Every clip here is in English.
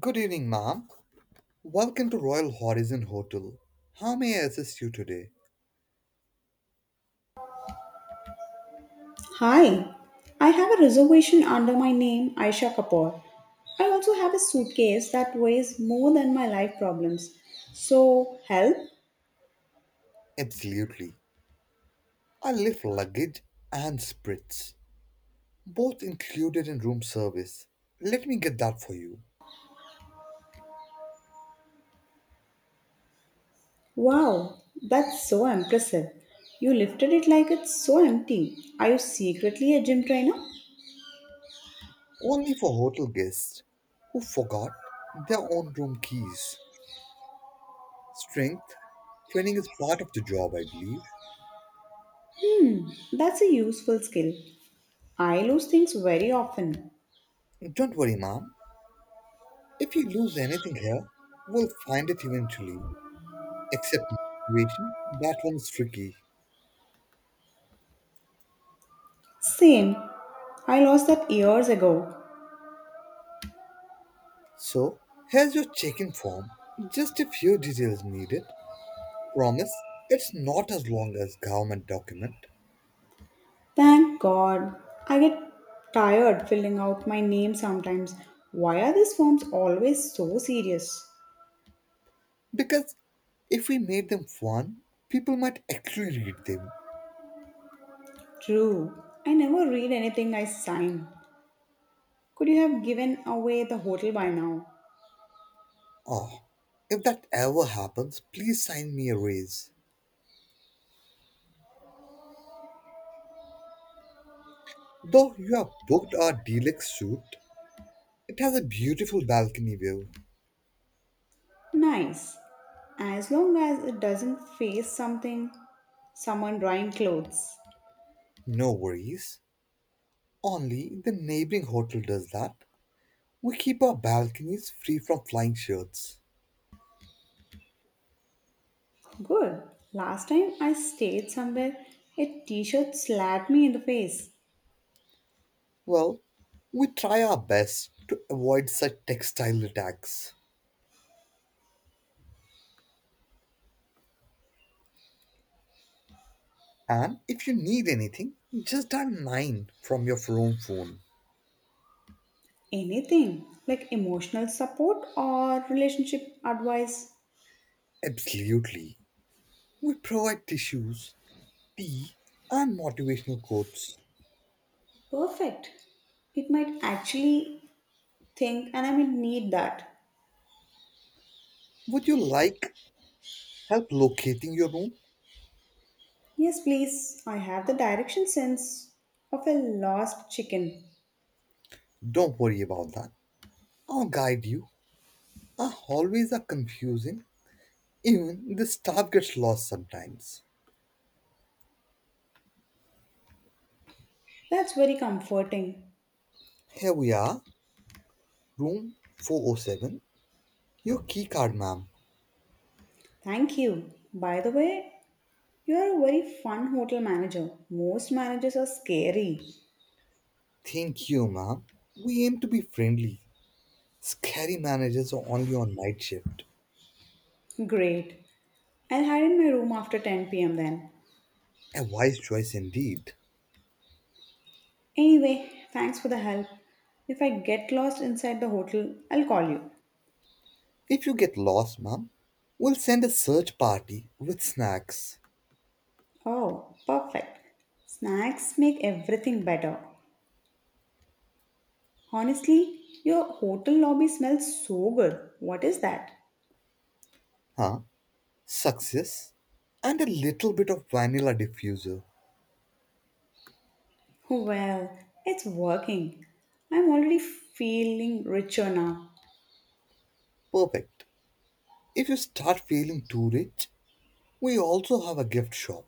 Good evening, ma'am. Welcome to Royal Horizon Hotel. How may I assist you today? Hi, I have a reservation under my name Aisha Kapoor. I also have a suitcase that weighs more than my life problems. So, help? Absolutely. I lift luggage and spritz, both included in room service. Let me get that for you. Wow, that's so impressive. You lifted it like it's so empty. Are you secretly a gym trainer? Only for hotel guests who forgot their own room keys. Strength training is part of the job, I believe. That's a useful skill. I lose things very often. Don't worry, ma'am. If you lose anything here, we'll find it eventually. Except motivation, that one's tricky. Same. I lost that years ago. So, here's your check-in form. Just a few details needed. Promise, it's not as long as government document. Thank God. I get tired filling out my name sometimes. Why are these forms always so serious? Because if we made them fun, people might actually read them. True. I never read anything I sign. Could you have given away the hotel by now? Oh, if that ever happens, please sign me a raise. Though you have booked our deluxe suite, it has a beautiful balcony view. Nice. As long as it doesn't face something, someone drying clothes. No worries. Only the neighboring hotel does that. We keep our balconies free from flying shirts. Good. Last time I stayed somewhere, a t shirt slapped me in the face. Well, we try our best to avoid such textile attacks. And if you need anything, just dial 9 from your phone. Anything like emotional support or relationship advice. Absolutely. We provide tissues, tea, and motivational quotes. Perfect. It might actually think, and I will need that. Would you like help locating your room? Yes, please. I have the direction sense of a lost chicken. Don't worry about that. I'll guide you. Our hallways are confusing. Even the staff gets lost sometimes. That's very comforting. Here we are, room 407. Your key card, ma'am. Thank you. By the way, you are a very fun hotel manager. Most managers are scary. Thank you, ma'am. We aim to be friendly. Scary managers are only on night shift. Great. I'll hide in my room after 10 p.m. then. A wise choice indeed. Anyway, thanks for the help. If I get lost inside the hotel, I'll call you. If you get lost, ma'am, we'll send a search party with snacks, Oh, perfect. Snacks make everything better. Honestly, your hotel lobby smells so good. What is that? huh? Success, and a little bit of vanilla diffuser. Well, it's working. I'm already feeling richer now. Perfect. If you start feeling too rich, we also have a gift shop,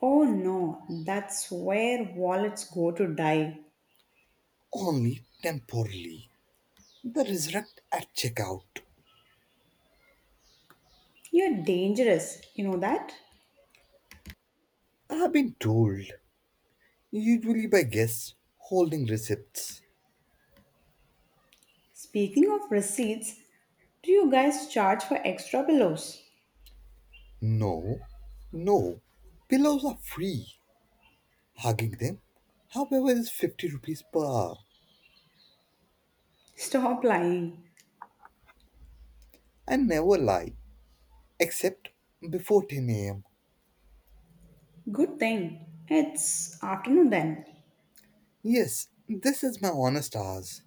Oh no, that's where wallets go to die. only temporarily. The resurrect at checkout. You're dangerous, you know that? I have been told, usually by guests holding receipts. Speaking of receipts, do you guys charge for extra pillows? No, no. Pillows are free. Hugging them, however, is 50 rupees per hour. Stop lying. I never lie, except before 10 am. Good thing. It's afternoon then. Yes, this is my honest hours.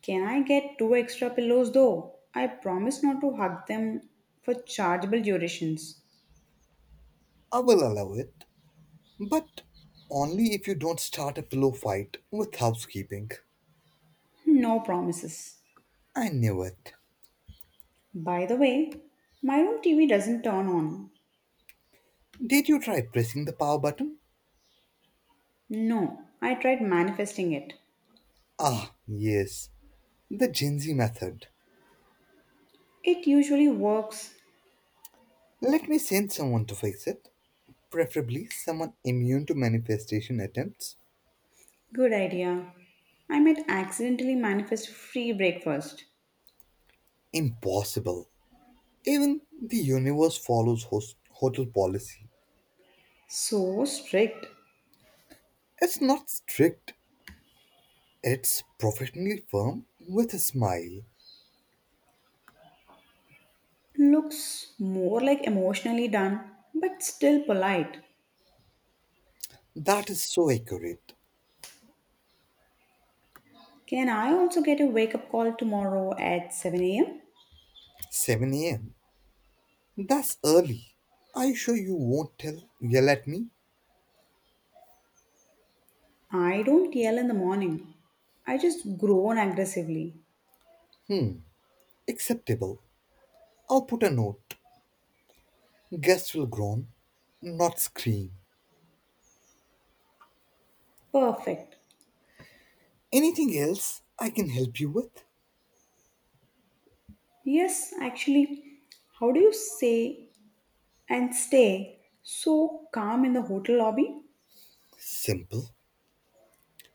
Can I get two extra pillows though? I promise not to hug them for chargeable durations. I will allow it, but only if you don't start a pillow fight with housekeeping. No promises. I knew it. By the way, my room TV doesn't turn on. Did you try pressing the power button? No, I tried manifesting it. Ah, yes, the Gen Z method. It usually works. Let me send someone to fix it, preferably someone immune to manifestation attempts. Good idea. I might accidentally manifest free breakfast. Impossible. Even the universe follows hotel policy. So strict. It's not strict, it's professionally firm with a smile. Looks more like emotionally done, but still polite. That is so accurate. Can I also get a wake up call tomorrow at 7 a.m.? 7 am. That's early. Are you sure you won't yell at me? I don't yell in the morning. I just groan aggressively. Acceptable. I'll put a note. Guests will groan, not scream. Perfect. Anything else I can help you with? Yes, actually, how do you say and stay so calm in the hotel lobby Simple.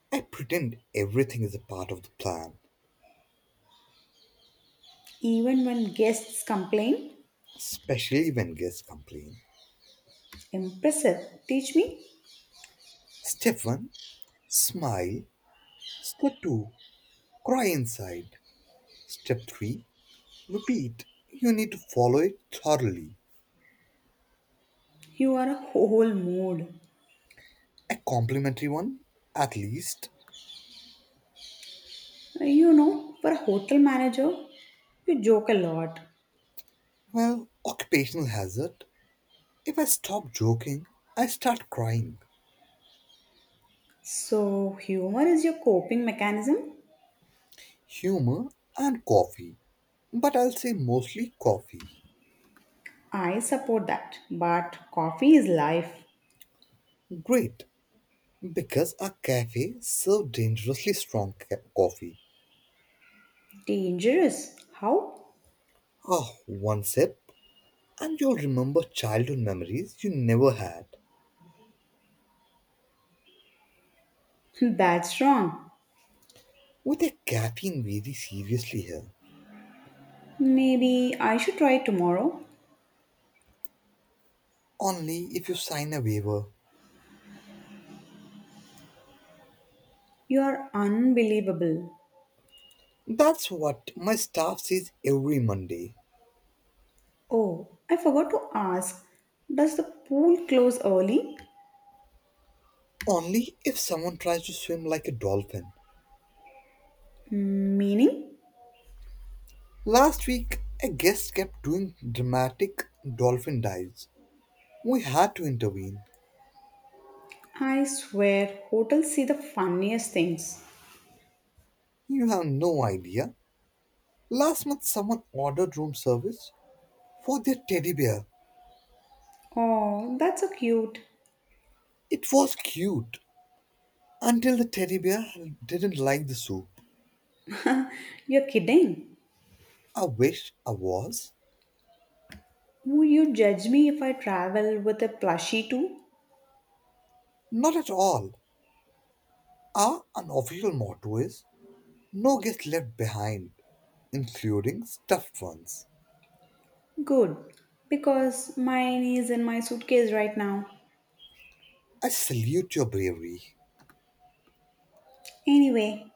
I pretend everything is a part of the plan, even when guests complain? especially when guests complain. Impressive. Teach me. Step 1, Smile. Step 2, Cry inside. Step 3, Repeat. You need to follow it thoroughly. You are a whole mood. A complimentary one, at least. You know, for a hotel manager, you joke a lot. Well, occupational hazard. If I stop joking, I start crying. So, humor is your coping mechanism? Humor and coffee. But I'll say mostly coffee. I support that. But coffee is life. Great, because our cafe served dangerously strong coffee. Dangerous. How? Oh, one sip, and you'll remember childhood memories you never had. That's wrong. With a caffeine very seriously here. Maybe I should try tomorrow. Only if you sign a waiver. You are unbelievable. That's what my staff says every Monday. Oh, I forgot to ask. Does the pool close early? Only if someone tries to swim like a dolphin. Meaning? Last week, a guest kept doing dramatic dolphin dives. We had to intervene. I swear, hotels see the funniest things. You have no idea. Last month, someone ordered room service for their teddy bear. Oh, that's so cute. It was cute until the teddy bear didn't like the soup. You're kidding. I wish I was. Would you judge me if I travel with a plushie too? Not at all. Our unofficial motto is No Gets Left Behind, including stuffed ones. Good, because mine is in my suitcase right now. I salute your bravery. Anyway,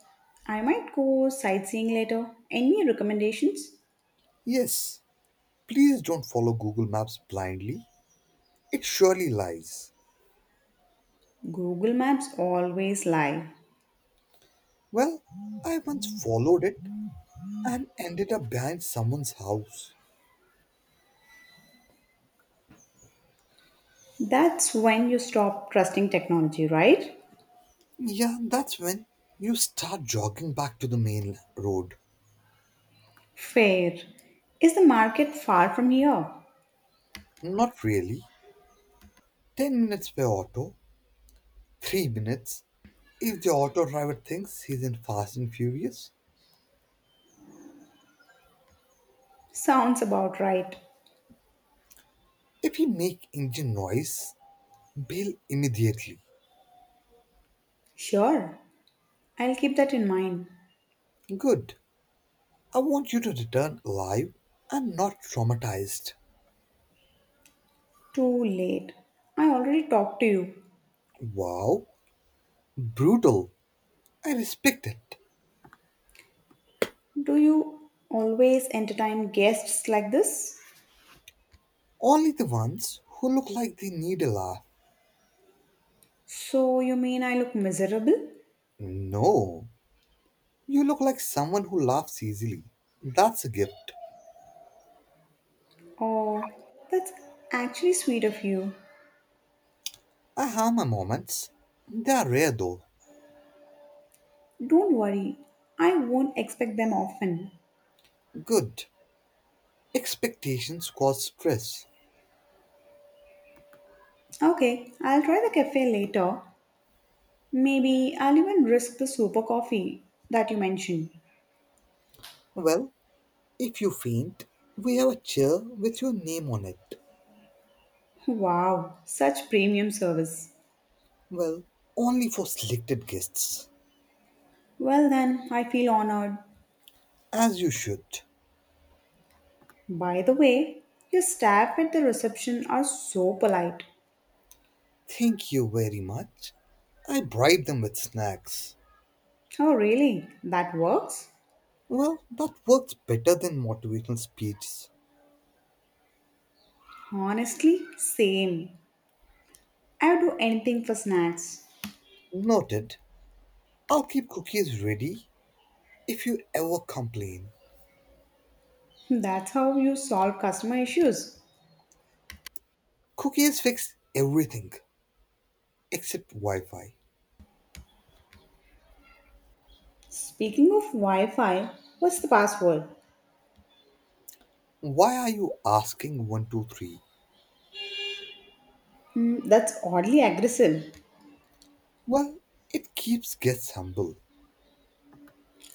I might go sightseeing later. Any recommendations? Yes, please don't follow Google Maps blindly. It surely lies. Google Maps always lie. Well, I once followed it and ended up behind someone's house. That's when you stop trusting technology, right? Yeah, that's when you start jogging back to the main road. Fair. Is the market far from here? Not really. 10 minutes per auto, 3 minutes if the auto driver thinks he's in Fast and Furious. Sounds about right. If you make engine noise, bail immediately. Sure, I'll keep that in mind. Good. I want you to return alive and not traumatized. Too late. I already talked to you. Wow, brutal. I respect it. Do you always entertain guests like this? Only the ones who look like they need a laugh. So you mean I look miserable? No, you look like someone who laughs easily. That's a gift. Oh, that's actually sweet of you. I have my moments. They are rare though. Don't worry, I won't expect them often. Good. Expectations cause stress. Okay, I'll try the cafe later. Maybe I'll even risk the super coffee that you mentioned. Well, if you faint, we have a chair with your name on it. Wow, such premium service. Well, only for selected guests, Well, then, I feel honored. as you should. By the way, your staff at the reception are so polite. Thank you very much. I bribe them with snacks. Oh, really? That works? Well, that works better than motivational speeches. Honestly, same. I would do anything for snacks. Noted. I'll keep cookies ready if you ever complain. That's how you solve customer issues. Cookies fix everything except Wi Fi. Speaking of Wi Fi, what's the password? Why are you asking 123? Mm, that's oddly aggressive Well, it keeps guests humble.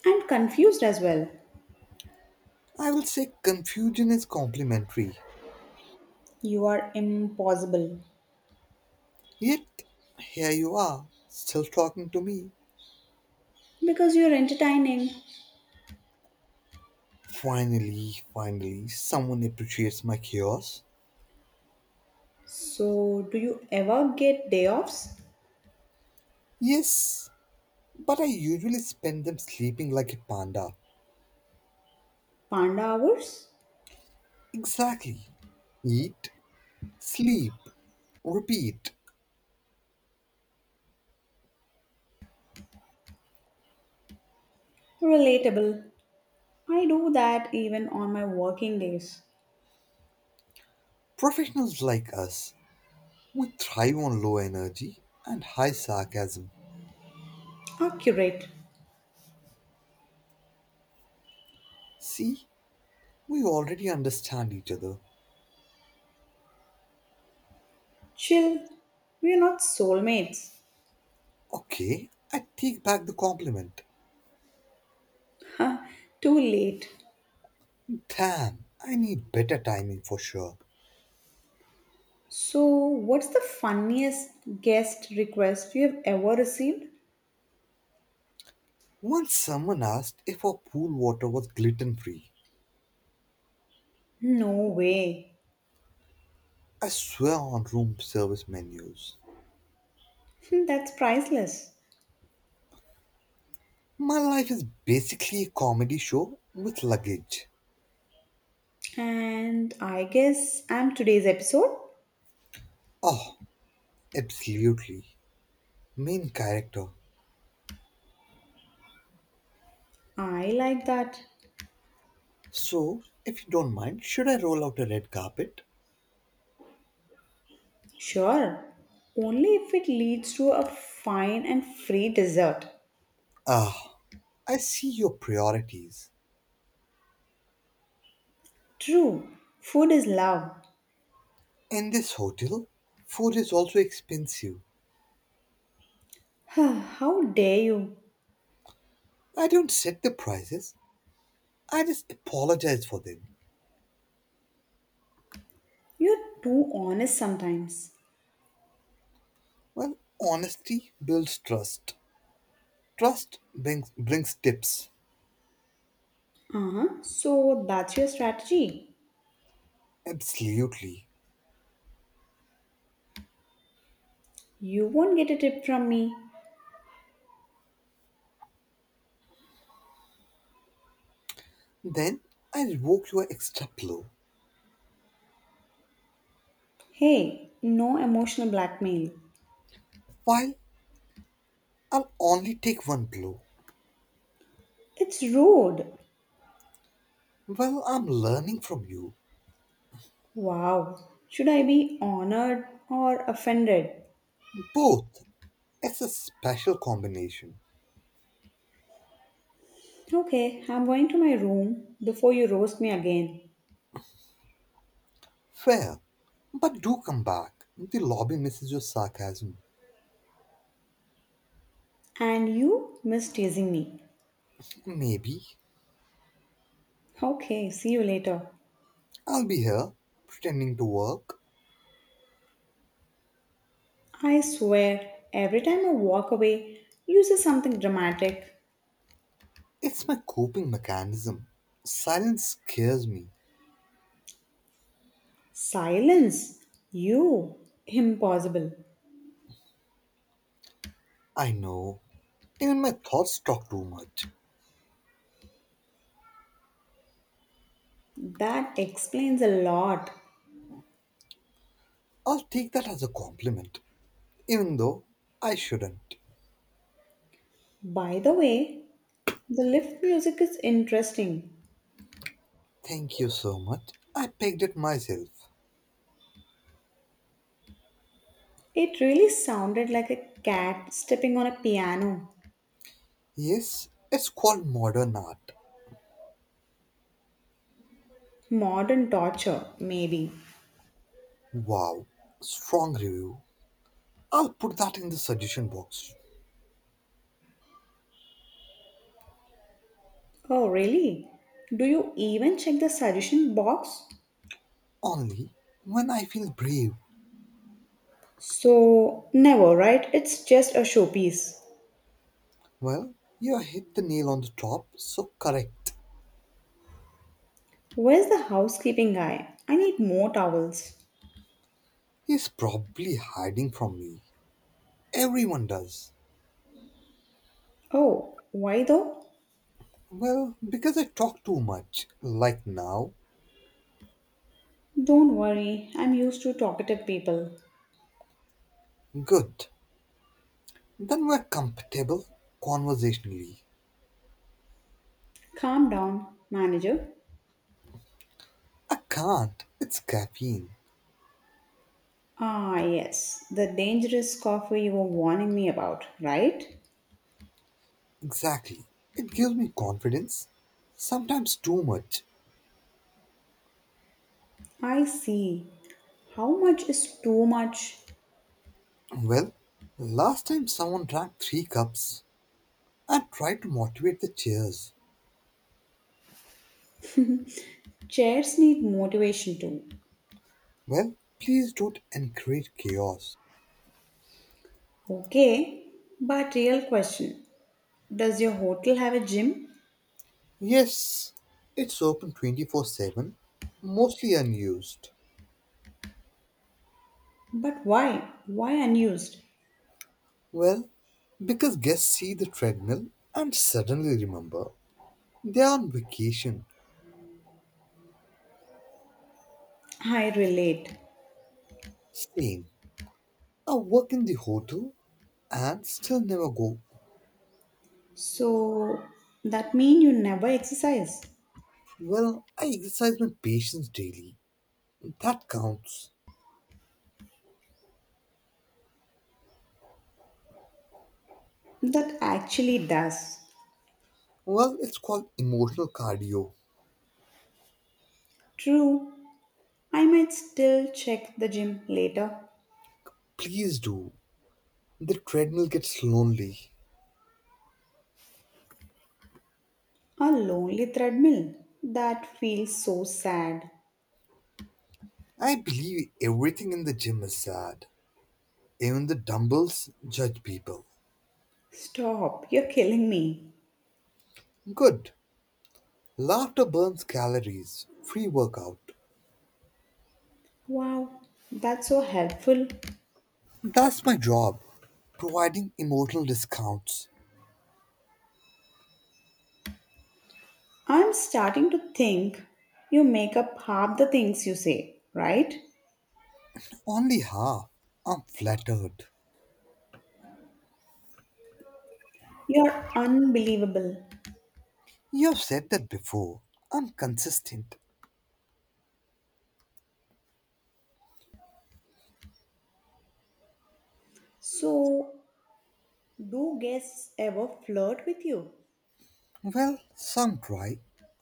and confused as well. I will say confusion is complimentary. You are impossible Yet, here you are, still talking to me. because you're entertaining. Finally, finally, someone appreciates my chaos. So, do you ever get day offs? Yes, but I usually spend them sleeping like a panda. Panda hours? Exactly. Eat, sleep, repeat. Relatable. I do that even on my working days. Professionals like us, we thrive on low energy and high sarcasm. Accurate. See, we already understand each other. Chill. We're not soulmates. Okay, I take back the compliment. Ha, too late. Damn, I need better timing for sure. So, what's the funniest guest request you have ever received? Once someone asked if our pool water was gluten free. No way. I swear on room service menus. That's priceless. My life is basically a comedy show with luggage. And I guess I'm today's episode. Oh, absolutely. Main character. I like that. So, if you don't mind, should I roll out a red carpet? Sure. Only if it leads to a fine and free dessert. Ah, I see your priorities. True. Food is love. In this hotel, food is also expensive. How dare you? I don't set the prices, I just apologize for them. You're too honest sometimes. Well, honesty builds trust. Trust brings tips. Uh huh. So that's your strategy. Absolutely. You won't get a tip from me. Then I revoke your extra blow. Hey, no emotional blackmail. While I'll only take one blow. It's rude. Well, I'm learning from you. Wow. Should I be honored or offended? Both. It's a special combination. Okay, I'm going to my room before you roast me again. Fair. But do come back. The lobby misses your sarcasm. And you miss teasing me. Maybe. Okay, see you later. I'll be here, pretending to work. I swear, every time I walk away, you say something dramatic. It's my coping mechanism. Silence scares me. Silence. You. Impossible. I know. Even my thoughts talk too much. That explains a lot. I'll take that as a compliment, even though I shouldn't. By the way, the lift music is interesting. Thank you so much. I pegged it myself. It really sounded like a cat stepping on a piano. Yes, it's called modern art. Modern torture, maybe. Wow, strong review. I'll put that in the suggestion box. Oh, really? Do you even check the suggestion box? Only when I feel brave. So, never, right? It's just a showpiece. Well, you hit the nail on the top, so correct. Where's the housekeeping guy? I need more towels. He's probably hiding from me. Everyone does. Oh, why though? Well, because I talk too much, like now. Don't worry, I'm used to talkative people. Good. Then we're comfortable conversationally. Calm down, manager. I can't. It's caffeine. Ah, yes, the dangerous coffee you were warning me about, right? Exactly. It gives me confidence. Sometimes too much. I see. How much is too much? Well, last time someone drank three cups. I tried to motivate the cheers. Chairs need motivation too. Well, please don't encourage chaos. Okay, but real question. Does your hotel have a gym? Yes, it's open 24/7, mostly unused. But why? Why unused? Well, because guests see the treadmill and suddenly remember they are on vacation. I relate. Same. I work in the hotel and still never go. So that mean you never exercise. Well, I exercise my patience daily. That counts. That actually does. Well, it's called emotional cardio. True. I might still check the gym later. Please do. The treadmill gets lonely. A lonely treadmill. That feels so sad. I believe everything in the gym is sad. Even the dumbbells judge people. Stop, you're killing me. Good. Laughter burns calories. Free workout. Wow, that's so helpful. That's my job. Providing emotional discounts. I'm starting to think you make up half the things you say, right? Only half. I'm flattered. You're unbelievable. You've said that before. I'm consistent. So, do guests ever flirt with you? Well, some try,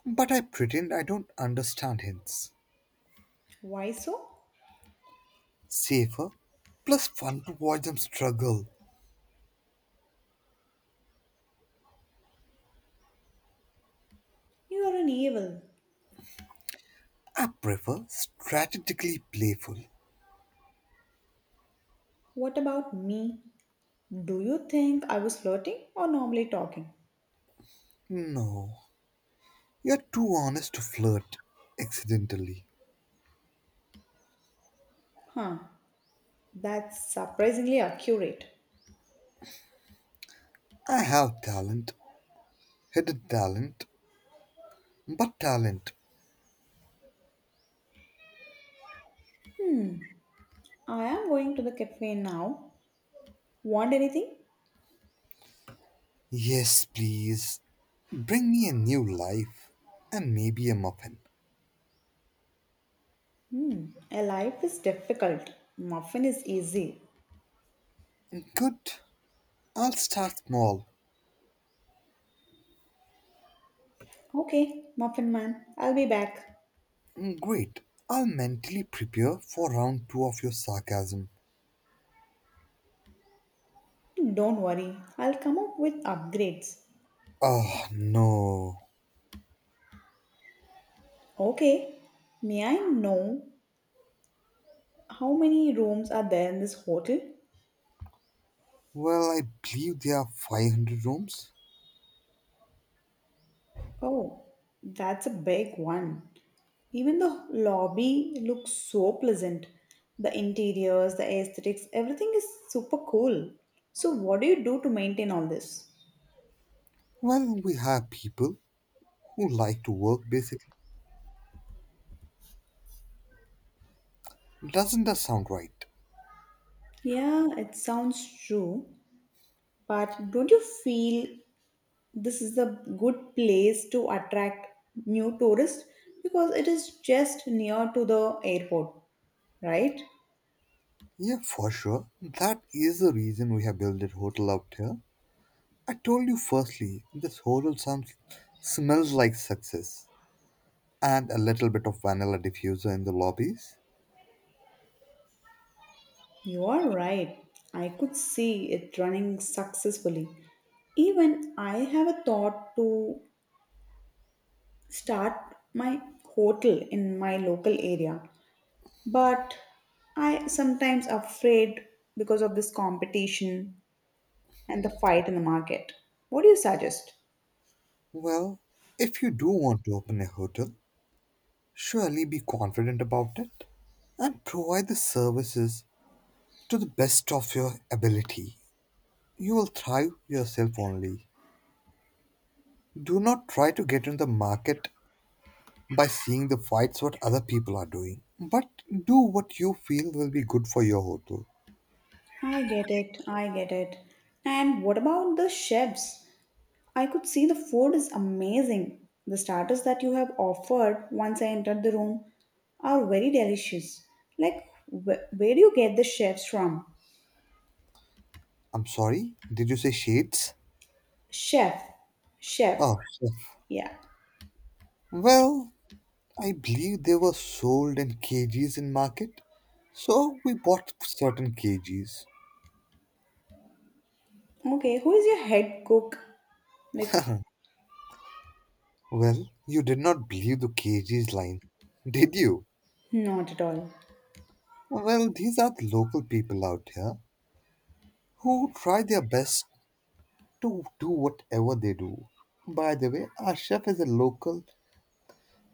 but I pretend I don't understand hints. Why so? Safer, plus fun to watch them struggle. You're an evil. I prefer strategically playful. What about me? Do you think I was flirting or normally talking? No, you're too honest to flirt accidentally. Huh, that's surprisingly accurate. I have talent, hidden talent, but talent. Hmm, I am going to the cafe now. Want anything? Yes, please. Bring me a new life and maybe a muffin. Hmm, a life is difficult. Muffin is easy. Good. I'll start small. Okay, Muffin Man, I'll be back. Great. I'll mentally prepare for round two of your sarcasm. Don't worry, I'll come up with upgrades. Ah, no. Okay, may I know how many rooms are there in this hotel? Well, I believe there are 500 rooms. Oh, that's a big one. Even the lobby looks so pleasant. The interiors, the aesthetics, everything is super cool. So, what do you do to maintain all this? Well, we have people who like to work basically. Doesn't that sound right? Yeah, it sounds true, but don't you feel this is a good place to attract new tourists because it is just near to the airport, right? Yeah, for sure. That is the reason we have built that hotel out here. I told you firstly, this hotel sounds smells like success and a little bit of vanilla diffuser in the lobbies. You are right. I could see it running successfully. Even I have a thought to start my hotel in my local area, but I sometimes afraid because of this competition and the fight in the market. What do you suggest? Well, if you do want to open a hotel, surely be confident about it and provide the services to the best of your ability. You will thrive yourself only. Do not try to get in the market by seeing the fights what other people are doing, but do what you feel will be good for your hotel. I get it. I get it. And what about the chefs? I could see the food is amazing. The starters that you have offered once I entered the room are very delicious. Like, where do you get the chefs from? I'm sorry, did you say shades? Chef. Chef. Oh, chef. Yeah. Well, I believe they were sold in kgs in market, so we bought certain kgs. Okay. Who is your head cook? Like, Well, you did not believe the kgs line, did you? not at all. Well, these are the local people out here who try their best to do whatever they do. By the way, our chef is a local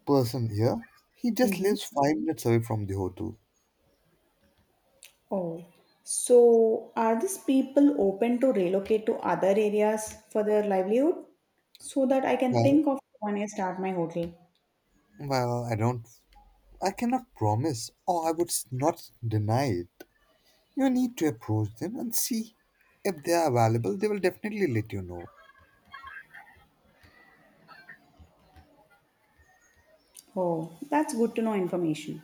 person here. He just Mhm. lives 5 minutes away from the hotel. Oh, so are these people open to relocate to other areas for their livelihood? So that I can Well, think of when I start my hotel. well, I cannot promise, or I would not deny it. You need to approach them and see if they are available. They will definitely let you know. Oh, that's good to know information.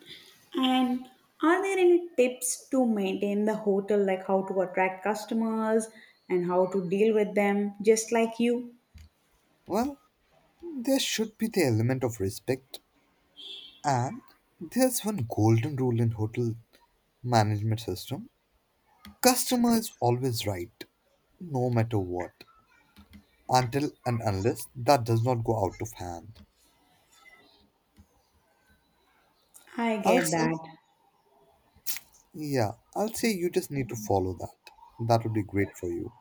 And are there any tips to maintain the hotel, like how to attract customers and how to deal with them, just like you? Well, there should be the element of respect, and there's one golden rule in hotel management system: customer is always right no matter what, until and unless that does not go out of hand. I I'll get say, that. yeah, I'll say you just need to follow that. That would be great for you.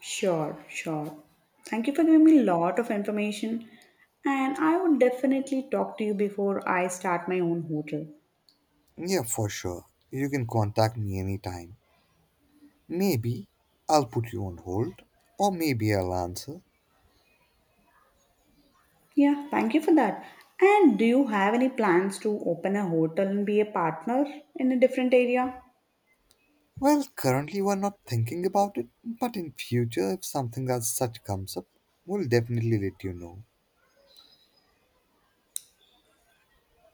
Sure, sure. Thank you for giving me a lot of information. And I would definitely talk to you before I start my own hotel. Yeah, for sure. You can contact me anytime. Maybe I'll put you on hold, or maybe I'll answer. Yeah, thank you for that. And do you have any plans to open a hotel and be a partner in a different area? Well, currently we're not thinking about it, but in future, if something as such comes up, we'll definitely let you know.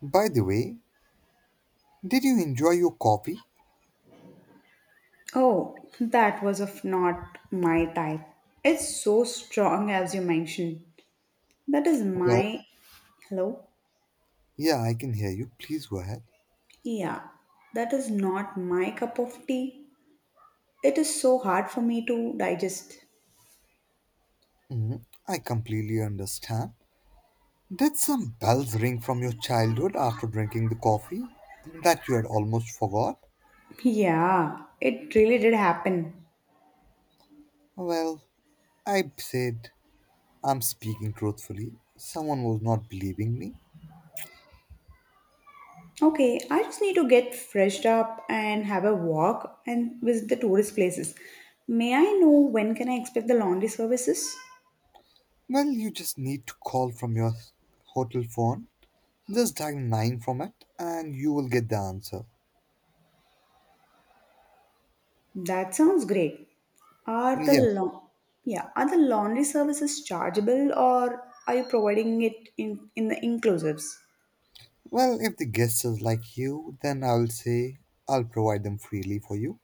By the way, did you enjoy your coffee? Oh, that was of not my type. It's so strong as you mentioned. That is Well, my hello. yeah, I can hear you. Please go ahead. Yeah, that is not my cup of tea. It is so hard for me to digest. Mhm. I completely understand. Did some bells ring from your childhood after drinking the coffee that you had almost forgot? Yeah, it really did happen. Well, I said, I'm speaking truthfully. Someone was not believing me. Okay, I just need to get freshed up and have a walk and visit the tourist places. May I know when can I expect the laundry services? Well, you just need to call from your hotel phone. Just dial 9 from it and you will get the answer. That sounds great. Are the Yeah. Yeah, are the laundry services chargeable or are you providing it in the inclusives? Well, if the guest is like you, then I will say I'll provide them freely for you.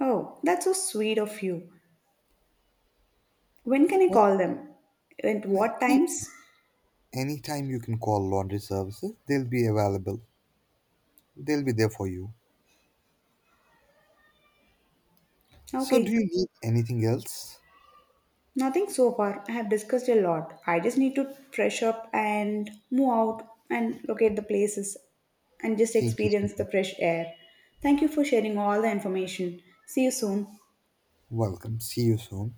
Oh, that's so sweet of you. When can I Well, call them? At what any times? anytime you can call laundry services, they'll be available. They'll be there for you. So, do Okay. you need anything else? Nothing so far. I have discussed a lot. I just need to fresh up and move out and locate the places and just Thank you so experience the much. fresh air. Thank you for sharing all the information. See you soon. Welcome. See you soon.